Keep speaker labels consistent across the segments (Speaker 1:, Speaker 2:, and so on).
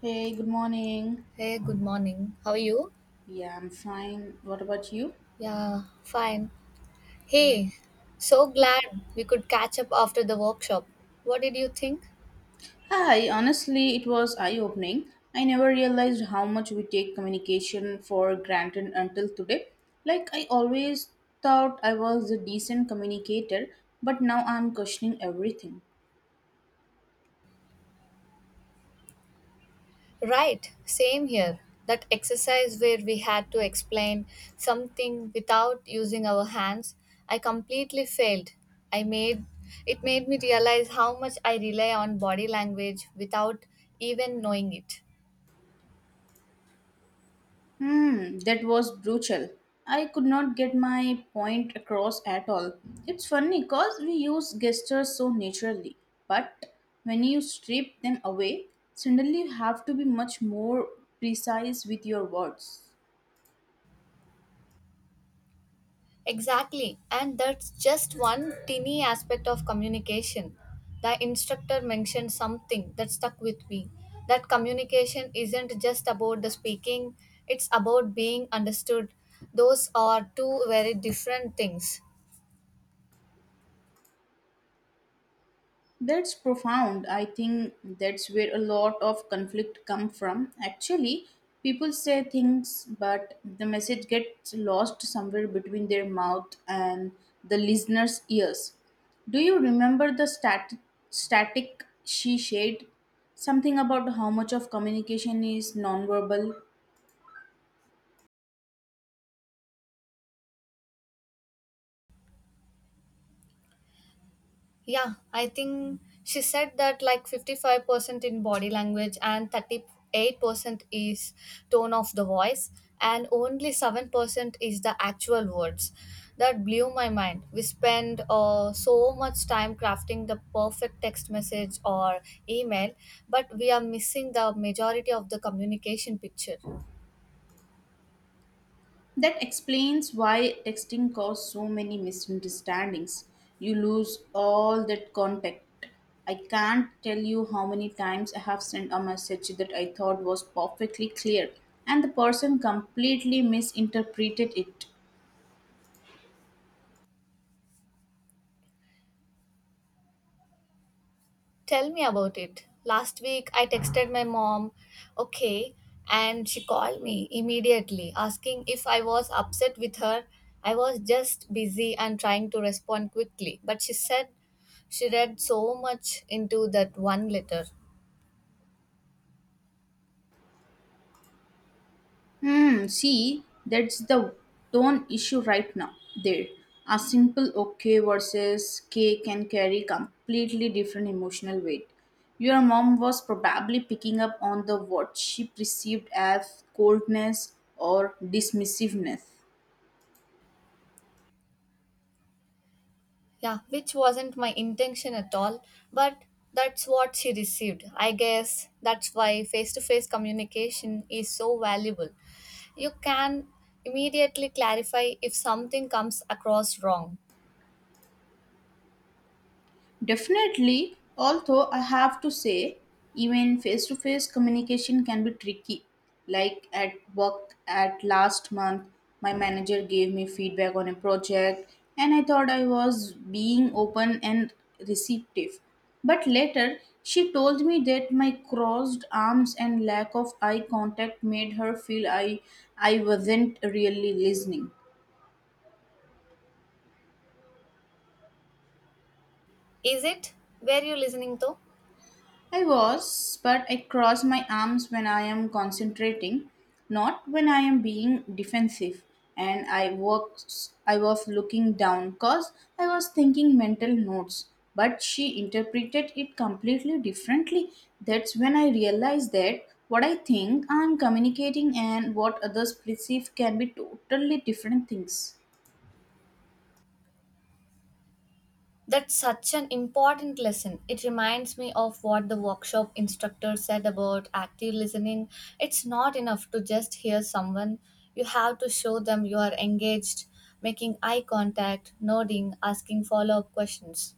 Speaker 1: Hey, good morning.
Speaker 2: Hey, good morning. How are you?
Speaker 1: Yeah, I'm fine. What about you?
Speaker 2: Yeah, fine.
Speaker 1: Yeah.
Speaker 2: Hey, so glad we could catch up after the workshop. What did you think?
Speaker 1: Hi, honestly, it was eye opening. I never realized how much we take communication for granted until today. Like, I always thought I was a decent communicator, but now I'm questioning everything.
Speaker 2: Right, same here. That exercise where we had to explain something without using our hands, I completely failed. I made It made me realize how much I rely on body language without even knowing it.
Speaker 1: Hmm, that was brutal. I could not get my point across at all. It's funny because we use gestures so naturally, but when you strip them away, suddenly you have to be much more precise with your words.
Speaker 2: Exactly, and that's just one teeny aspect of communication. The instructor mentioned something that stuck with me, that communication isn't just about the speaking, it's about being understood. Those are two very different things.
Speaker 1: That's profound. I think that's where a lot of conflict come from. Actually, people say things, but the message gets lost somewhere between their mouth and the listener's ears. Do you remember the static she shared? Something about how much of communication is nonverbal?
Speaker 2: Yeah, I think she said that like 55% in body language and 38% is tone of the voice and only 7% is the actual words. That blew my mind. We spend so much time crafting the perfect text message or email, but we are missing the majority of the communication picture.
Speaker 1: That explains why texting caused so many misunderstandings. You lose all that contact. I can't tell you how many times I have sent a message that I thought was perfectly clear, and the person completely misinterpreted it.
Speaker 2: Tell me about it. Last week I texted my mom, okay, and she called me immediately asking if I was upset with her. I was just busy and trying to respond quickly, but she said she read so much into that one letter.
Speaker 1: See, that's the tone issue right now. There, a simple okay versus K can carry completely different emotional weight. Your mom was probably picking up on the what she perceived as coldness or dismissiveness.
Speaker 2: Yeah, which wasn't my intention at all, but that's what she received. I guess that's why face to face communication is so valuable. You can immediately clarify if something comes across wrong.
Speaker 1: Definitely, although I have to say, even face to face communication can be tricky. Like at work at last month, my manager gave me feedback on a project, and I thought I was being open and receptive. But later, she told me that my crossed arms and lack of eye contact made her feel I wasn't really listening.
Speaker 2: Is it? Were you listening to?
Speaker 1: I was, but I cross my arms when I am concentrating, not when I am being defensive. And I was looking down because I was thinking mental notes. But she interpreted it completely differently. That's when I realized that what I think I'm communicating and what others perceive can be totally different things.
Speaker 2: That's such an important lesson. It reminds me of what the workshop instructor said about active listening. It's not enough to just hear someone, you have to show them you are engaged, making eye contact, nodding, asking follow up questions.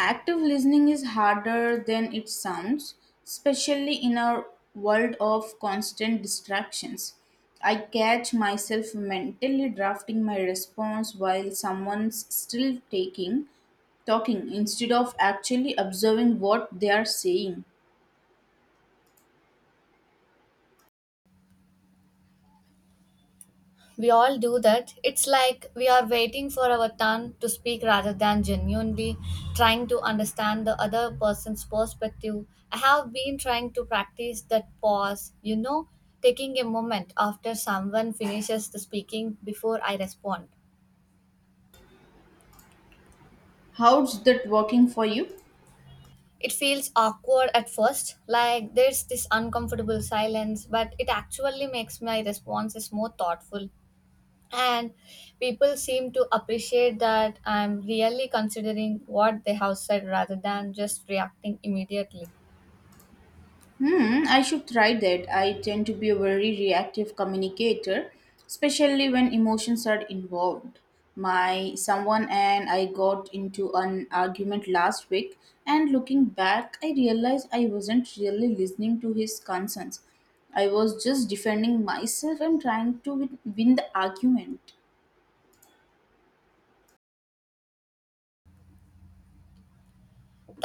Speaker 1: Active listening is harder than it sounds, especially in our world of constant distractions. I catch myself mentally drafting my response while someone's still taking talking instead of actually observing what they are saying.
Speaker 2: We all do that. It's like we are waiting for our turn to speak rather than genuinely trying to understand the other person's perspective. I have been trying to practice that pause, you know, taking a moment after someone finishes the speaking before I respond.
Speaker 1: How's that working for you?
Speaker 2: It feels awkward at first, like there's this uncomfortable silence, but it actually makes my responses more thoughtful, and people seem to appreciate that I'm really considering what they have said rather than just reacting immediately.
Speaker 1: I should try that. I tend to be a very reactive communicator, especially when emotions are involved. My someone and I got into an argument last week, and looking back, I realized I wasn't really listening to his concerns. I was just defending myself and trying to win the argument.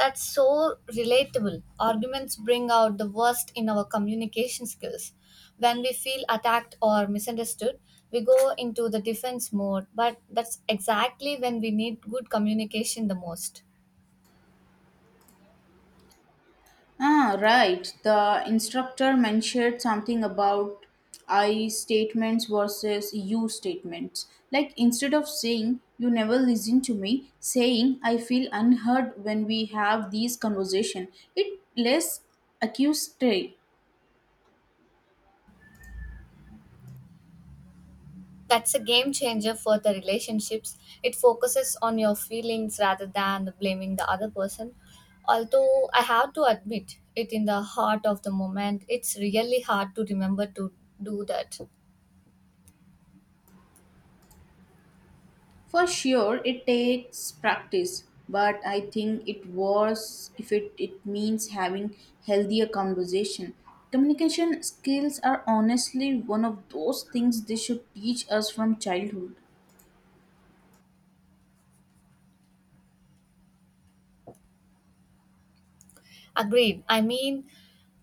Speaker 2: That's so relatable. Arguments bring out the worst in our communication skills. When we feel attacked or misunderstood, we go into the defense mode, but that's exactly when we need good communication the most.
Speaker 1: Ah, right. The instructor mentioned something about I statements versus you statements. Like instead of saying you never listen to me, saying I feel unheard when we have these conversation. It less accusatory.
Speaker 2: That's a game changer for the relationships. It focuses on your feelings rather than blaming the other person. Although I have to admit it in the heart of the moment, it's really hard to remember to do that.
Speaker 1: For sure, it takes practice, but I think it was if it means having healthier conversation. Communication skills are honestly one of those things they should teach us from childhood.
Speaker 2: Agreed. I mean,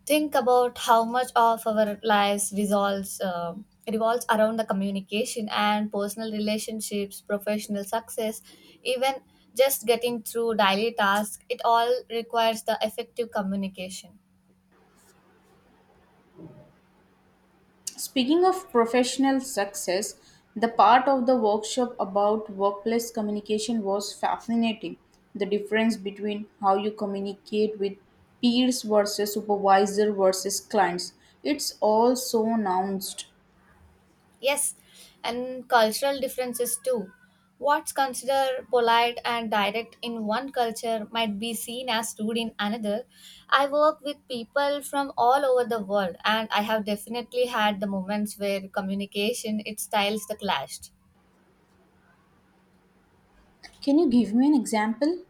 Speaker 2: think about how much of our lives resolves, revolves around the communication and personal relationships, professional success, even just getting through daily tasks. It all requires the effective communication.
Speaker 1: Speaking of professional success, the part of the workshop about workplace communication was fascinating. The difference between how you communicate with peers versus supervisor versus clients. It's all so nuanced.
Speaker 2: Yes, and cultural differences too. What's considered polite and direct in one culture might be seen as rude in another. I work with people from all over the world, and I have definitely had the moments where communication its styles the clashed.
Speaker 1: Can you give me an example?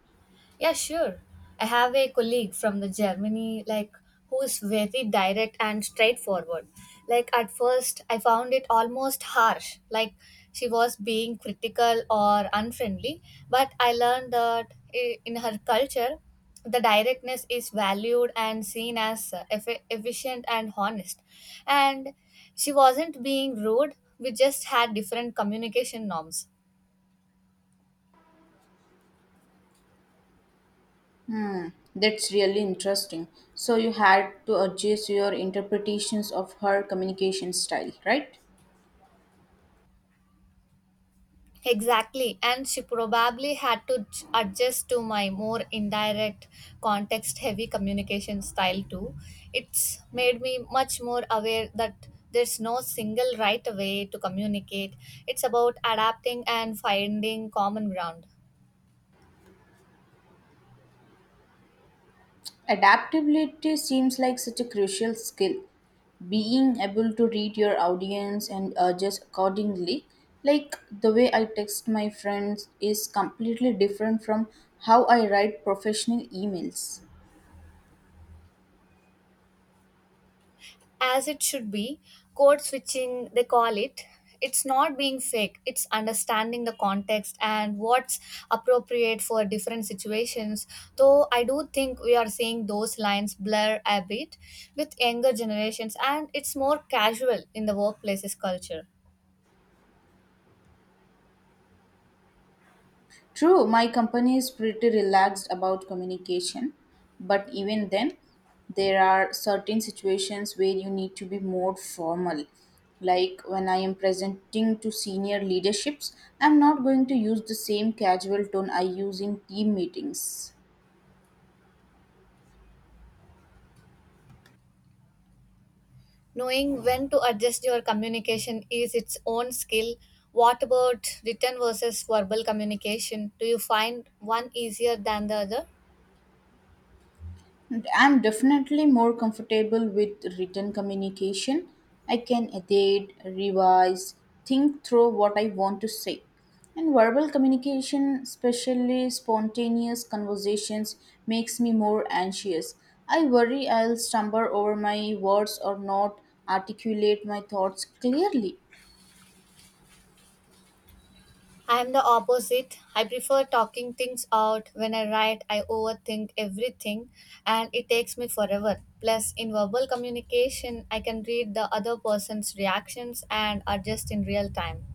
Speaker 2: Yeah, sure. I have a colleague from the Germany, like who is very direct and straightforward. Like at first, I found it almost harsh, like she was being critical or unfriendly. But I learned that in her culture, the directness is valued and seen as efficient and honest. And she wasn't being rude. We just had different communication norms.
Speaker 1: That's really interesting. So, you had to adjust your interpretations of her communication style, right?
Speaker 2: Exactly, and she probably had to adjust to my more indirect, context heavy communication style too. It's made me much more aware that there's no single right way to communicate. It's about adapting and finding common ground.
Speaker 1: Adaptability seems like such a crucial skill. Being able to read your audience and adjust accordingly, like the way I text my friends, is completely different from how I write professional emails.
Speaker 2: As it should be. Code switching, they call it. It's not being fake, it's understanding the context and what's appropriate for different situations, though I do think we are seeing those lines blur a bit with younger generations and it's more casual in the workplace's culture.
Speaker 1: True, my company is pretty relaxed about communication, but even then, there are certain situations where you need to be more formal. Like when I am presenting to senior leaderships, I'm not going to use the same casual tone I use in team meetings.
Speaker 2: Knowing when to adjust your communication is its own skill. What about written versus verbal communication? Do you find one easier than the other?
Speaker 1: And I'm definitely more comfortable with written communication. I can edit, revise, think through what I want to say. And verbal communication, especially spontaneous conversations, makes me more anxious. I worry I'll stumble over my words or not articulate my thoughts clearly.
Speaker 2: I'm the opposite. I prefer talking things out. When I write, I overthink everything and it takes me forever. Plus, in verbal communication, I can read the other person's reactions and adjust in real time.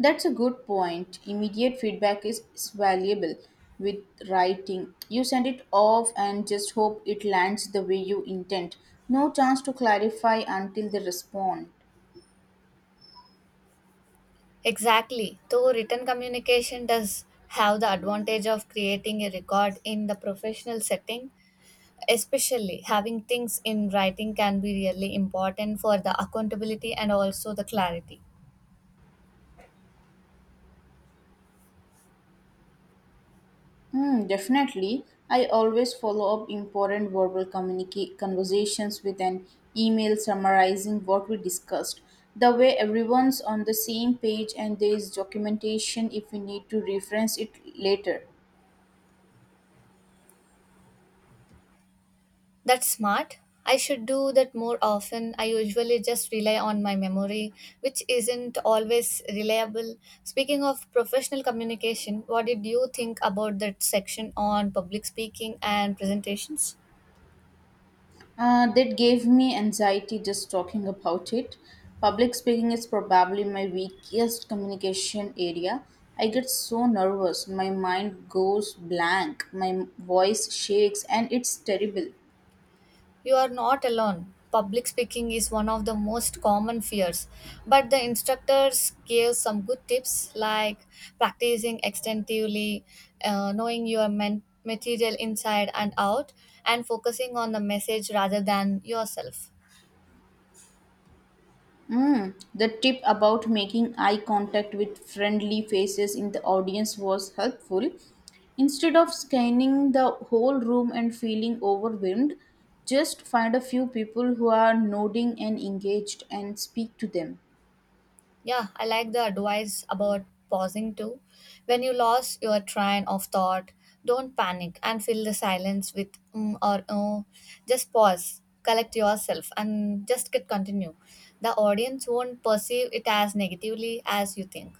Speaker 1: That's a good point. Immediate feedback is valuable with writing. You send it off and just hope it lands the way you intend. No chance to clarify until they respond.
Speaker 2: Exactly. Though written communication does have the advantage of creating a record in the professional setting, especially having things in writing can be really important for the accountability and also the clarity.
Speaker 1: Hmm, definitely. I always follow up important verbal conversations with an email summarizing what we discussed. The way everyone's on the same page and there is documentation if we need to reference it later.
Speaker 2: That's smart. I should do that more often. I usually just rely on my memory, which isn't always reliable. Speaking of professional communication, what did you think about that section on public speaking and presentations?
Speaker 1: That gave me anxiety just talking about it. Public speaking is probably my weakest communication area. I get so nervous, my mind goes blank, my voice shakes, and it's terrible.
Speaker 2: You are not alone. Public speaking is one of the most common fears, but the instructors gave some good tips like practicing extensively, knowing your material inside and out, and focusing on the message rather than yourself.
Speaker 1: The tip about making eye contact with friendly faces in the audience was helpful. Instead of scanning the whole room and feeling overwhelmed, just find a few people who are nodding and engaged and speak to them.
Speaker 2: Yeah, I like the advice about pausing too. When you lost your train of thought, don't panic and fill the silence with mm or oh. Just pause, collect yourself, and just get continue. The audience won't perceive it as negatively as you think.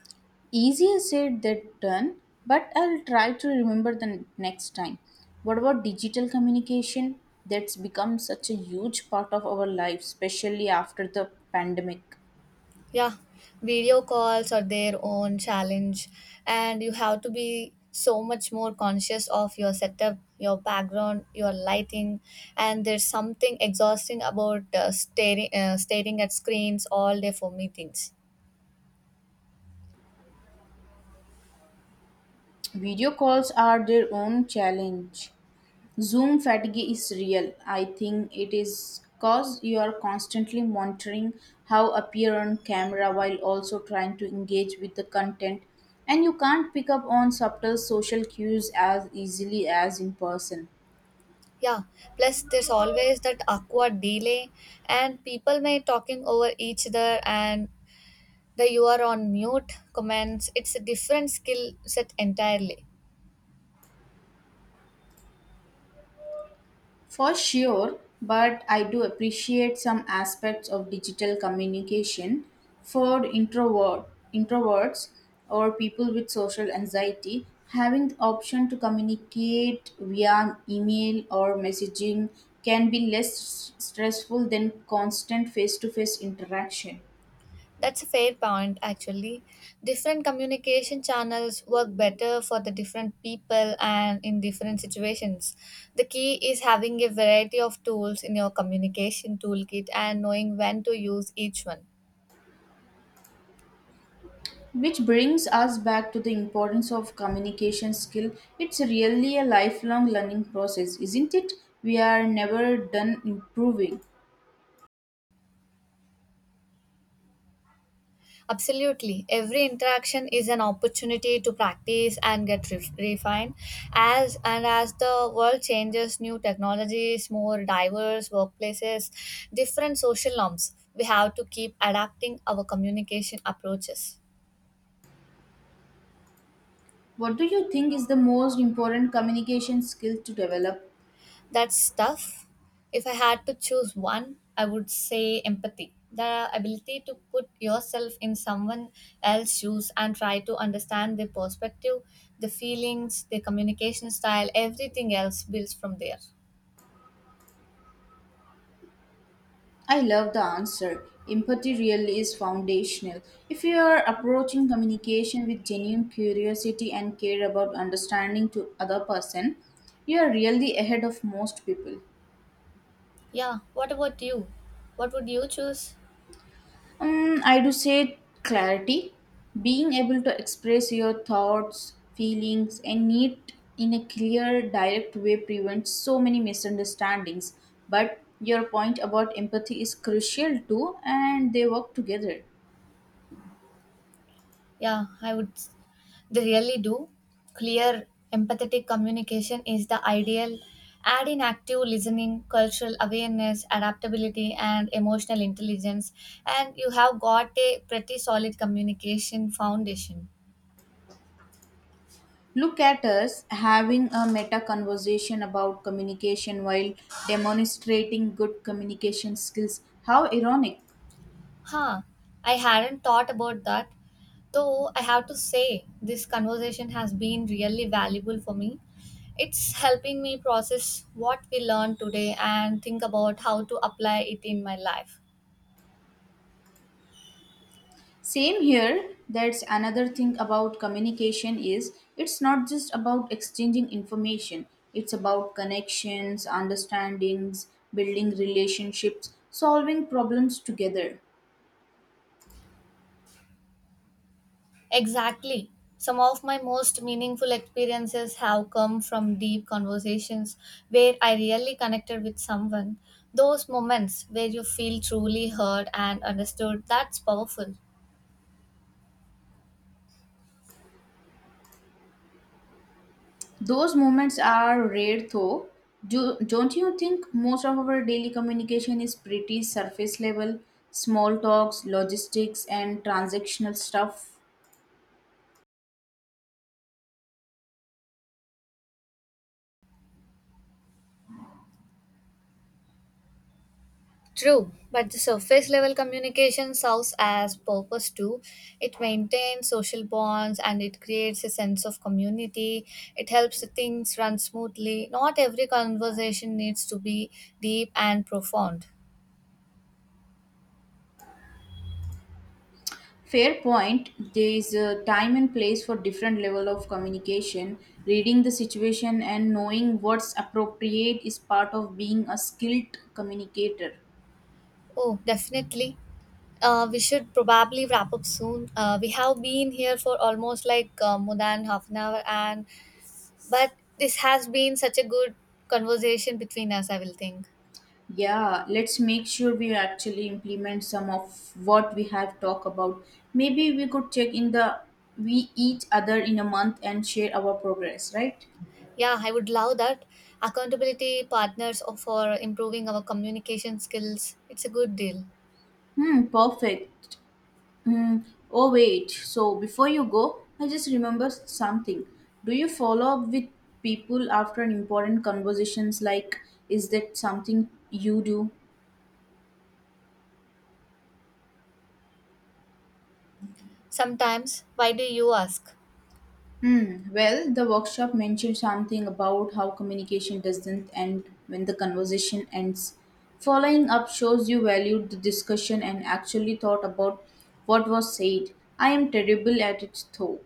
Speaker 1: Easier said than done, but I'll try to remember the next time. What about digital communication? That's become such a huge part of our life, especially after the pandemic.
Speaker 2: Yeah, video calls are their own challenge, and you have to be so much more conscious of your setup, your background, your lighting, and there's something exhausting about staring at screens all day for meetings.
Speaker 1: Video calls are their own challenge. Zoom fatigue is real. I think it is because you are constantly monitoring how appear on camera while also trying to engage with the content and you can't pick up on subtle social cues as easily as in person.
Speaker 2: Yeah, plus there's always that awkward delay, and people may talking over each other and the you are on mute comments. It's a different skill set entirely.
Speaker 1: For sure, but I do appreciate some aspects of digital communication for introverts or people with social anxiety. Having the option to communicate via email or messaging can be less stressful than constant face to face interaction.
Speaker 2: That's a fair point, actually. Different communication channels work better for the different people and in different situations. The key is having a variety of tools in your communication toolkit and knowing when to use each one.
Speaker 1: Which brings us back to the importance of communication skill. It's really a lifelong learning process, isn't it? We are never done improving.
Speaker 2: Absolutely. Every interaction is an opportunity to practice and get refined. As the world changes, new technologies, more diverse workplaces, different social norms, we have to keep adapting our communication approaches.
Speaker 1: What do you think is the most important communication skill to develop?
Speaker 2: That's tough. If I had to choose one, I would say empathy. The ability to put yourself in someone else's shoes and try to understand their perspective, the feelings, their communication style, everything else builds from there.
Speaker 1: I love the answer. Empathy really is foundational. If you are approaching communication with genuine curiosity and care about understanding to other person, you are really ahead of most people.
Speaker 2: Yeah, what about you? What would you choose?
Speaker 1: I do say clarity, being able to express your thoughts, feelings, and need in a clear, direct way prevents so many misunderstandings. But your point about empathy is crucial too, and they work together.
Speaker 2: Yeah, I would. s- They really do. Clear, empathetic communication is the ideal. Add in active listening, cultural awareness, adaptability, and emotional intelligence, and you have got a pretty solid communication foundation.
Speaker 1: Look at us having a meta conversation about communication while demonstrating good communication skills. How ironic!
Speaker 2: Huh, I hadn't thought about that. Though I have to say, this conversation has been really valuable for me. It's helping me process what we learned today and think about how to apply it in my life.
Speaker 1: Same here. That's another thing about communication is it's not just about exchanging information. It's about connections, understandings, building relationships, solving problems together.
Speaker 2: Exactly. Some of my most meaningful experiences have come from deep conversations where I really connected with someone. Those moments where you feel truly heard and understood, that's powerful.
Speaker 1: Those moments are rare though. Don't you think most of our daily communication is pretty surface level, small talks, logistics and transactional stuff?
Speaker 2: True, but the surface level communication serves as purpose too. It maintains social bonds and it creates a sense of community. It helps things run smoothly. Not every conversation needs to be deep and profound.
Speaker 1: Fair point. There is a time and place for different level of communication. Reading the situation and knowing what's appropriate is part of being a skilled communicator.
Speaker 2: Oh, definitely. We should probably wrap up soon. We have been here for almost like more than half an hour, and but this has been such a good conversation between us. I will think.
Speaker 1: Yeah, let's make sure we actually implement some of what we have talked about. Maybe we could check in the we each other in a month and share our progress, right?
Speaker 2: Yeah, I would love that. Accountability partners or for improving our communication skills. It's a good deal.
Speaker 1: Hmm, perfect. Hmm. Oh, wait. So, before you go, I just remembered something. Do you follow up with people after an important conversations? Like, is that something you do?
Speaker 2: Sometimes, why do you ask?
Speaker 1: Hmm. Well, the workshop mentioned something about how communication doesn't end when the conversation ends. Following up shows you valued the discussion and actually thought about what was said. I am terrible at it though.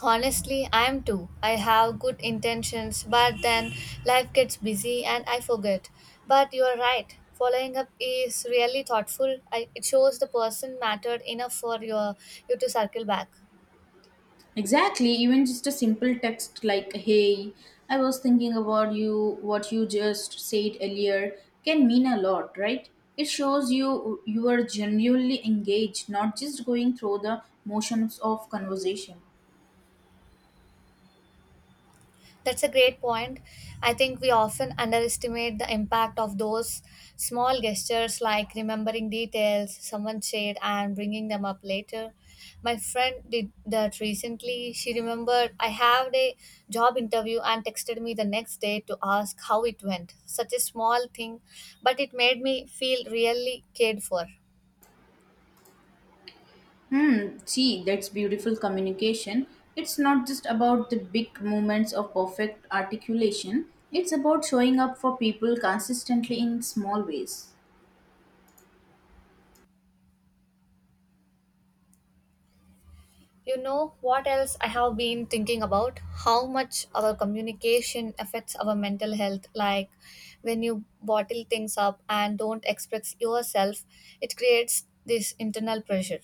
Speaker 2: Honestly, I am too. I have good intentions, but then life gets busy and I forget. But you are right. Following up is really thoughtful. I, it shows the person mattered enough for your you to circle back.
Speaker 1: Exactly, even just a simple text like, hey, I was thinking about you, what you just said earlier, can mean a lot, right? It shows you are genuinely engaged, not just going through the motions of conversation.
Speaker 2: That's a great point. I think we often underestimate the impact of those small gestures like remembering details someone shared and bringing them up later. My friend did that recently. She remembered I had a job interview and texted me the next day to ask how it went. Such a small thing, but it made me feel really cared for.
Speaker 1: See, that's beautiful communication. It's not just about the big moments of perfect articulation, it's about showing up for people consistently in small ways.
Speaker 2: You know what else I have been thinking about? How much our communication affects our mental health. Like when you bottle things up and don't express yourself, it creates this internal pressure.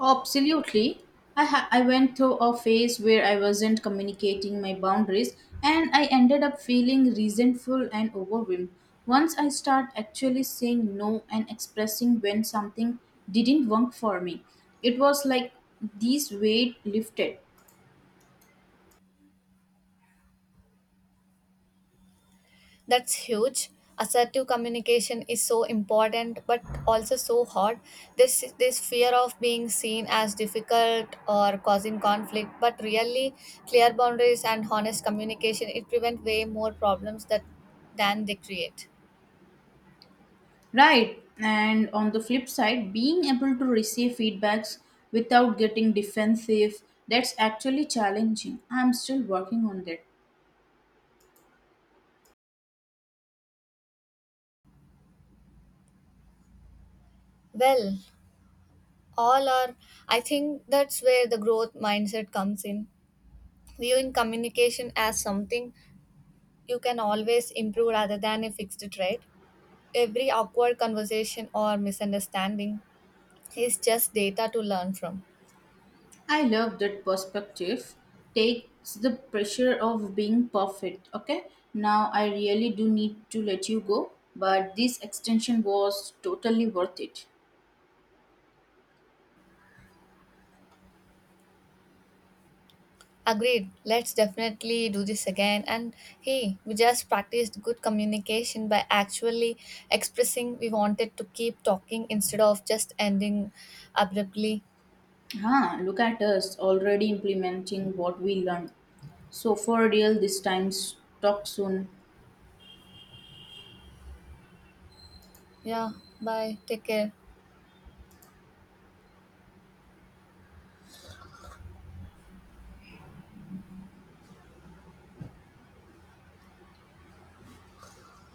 Speaker 1: Absolutely. I went through a phase where I wasn't communicating my boundaries and I ended up feeling resentful and overwhelmed. Once I start actually saying no and expressing when something didn't work for me, it was like this weight lifted.
Speaker 2: That's huge. Assertive communication is so important, but also so hard. This fear of being seen as difficult or causing conflict, but really clear boundaries and honest communication it prevent way more problems that than they create.
Speaker 1: Right. And on the flip side, being able to receive feedbacks without getting defensive, that's actually challenging. I'm still working on that.
Speaker 2: Well, all are. I think that's where the growth mindset comes in. Viewing communication as something you can always improve rather than a fixed trait. Every awkward conversation or misunderstanding is just data to learn from.
Speaker 1: I love that perspective. Takes the pressure of being perfect. Okay, now I really do need to let you go, but this extension was totally worth it.
Speaker 2: Agreed, let's definitely do this again. And hey, we just practiced good communication by actually expressing we wanted to keep talking instead of just ending abruptly.
Speaker 1: Ah, look at us already implementing what we learned. So, for real, this time, talk soon.
Speaker 2: Yeah, bye. Take care.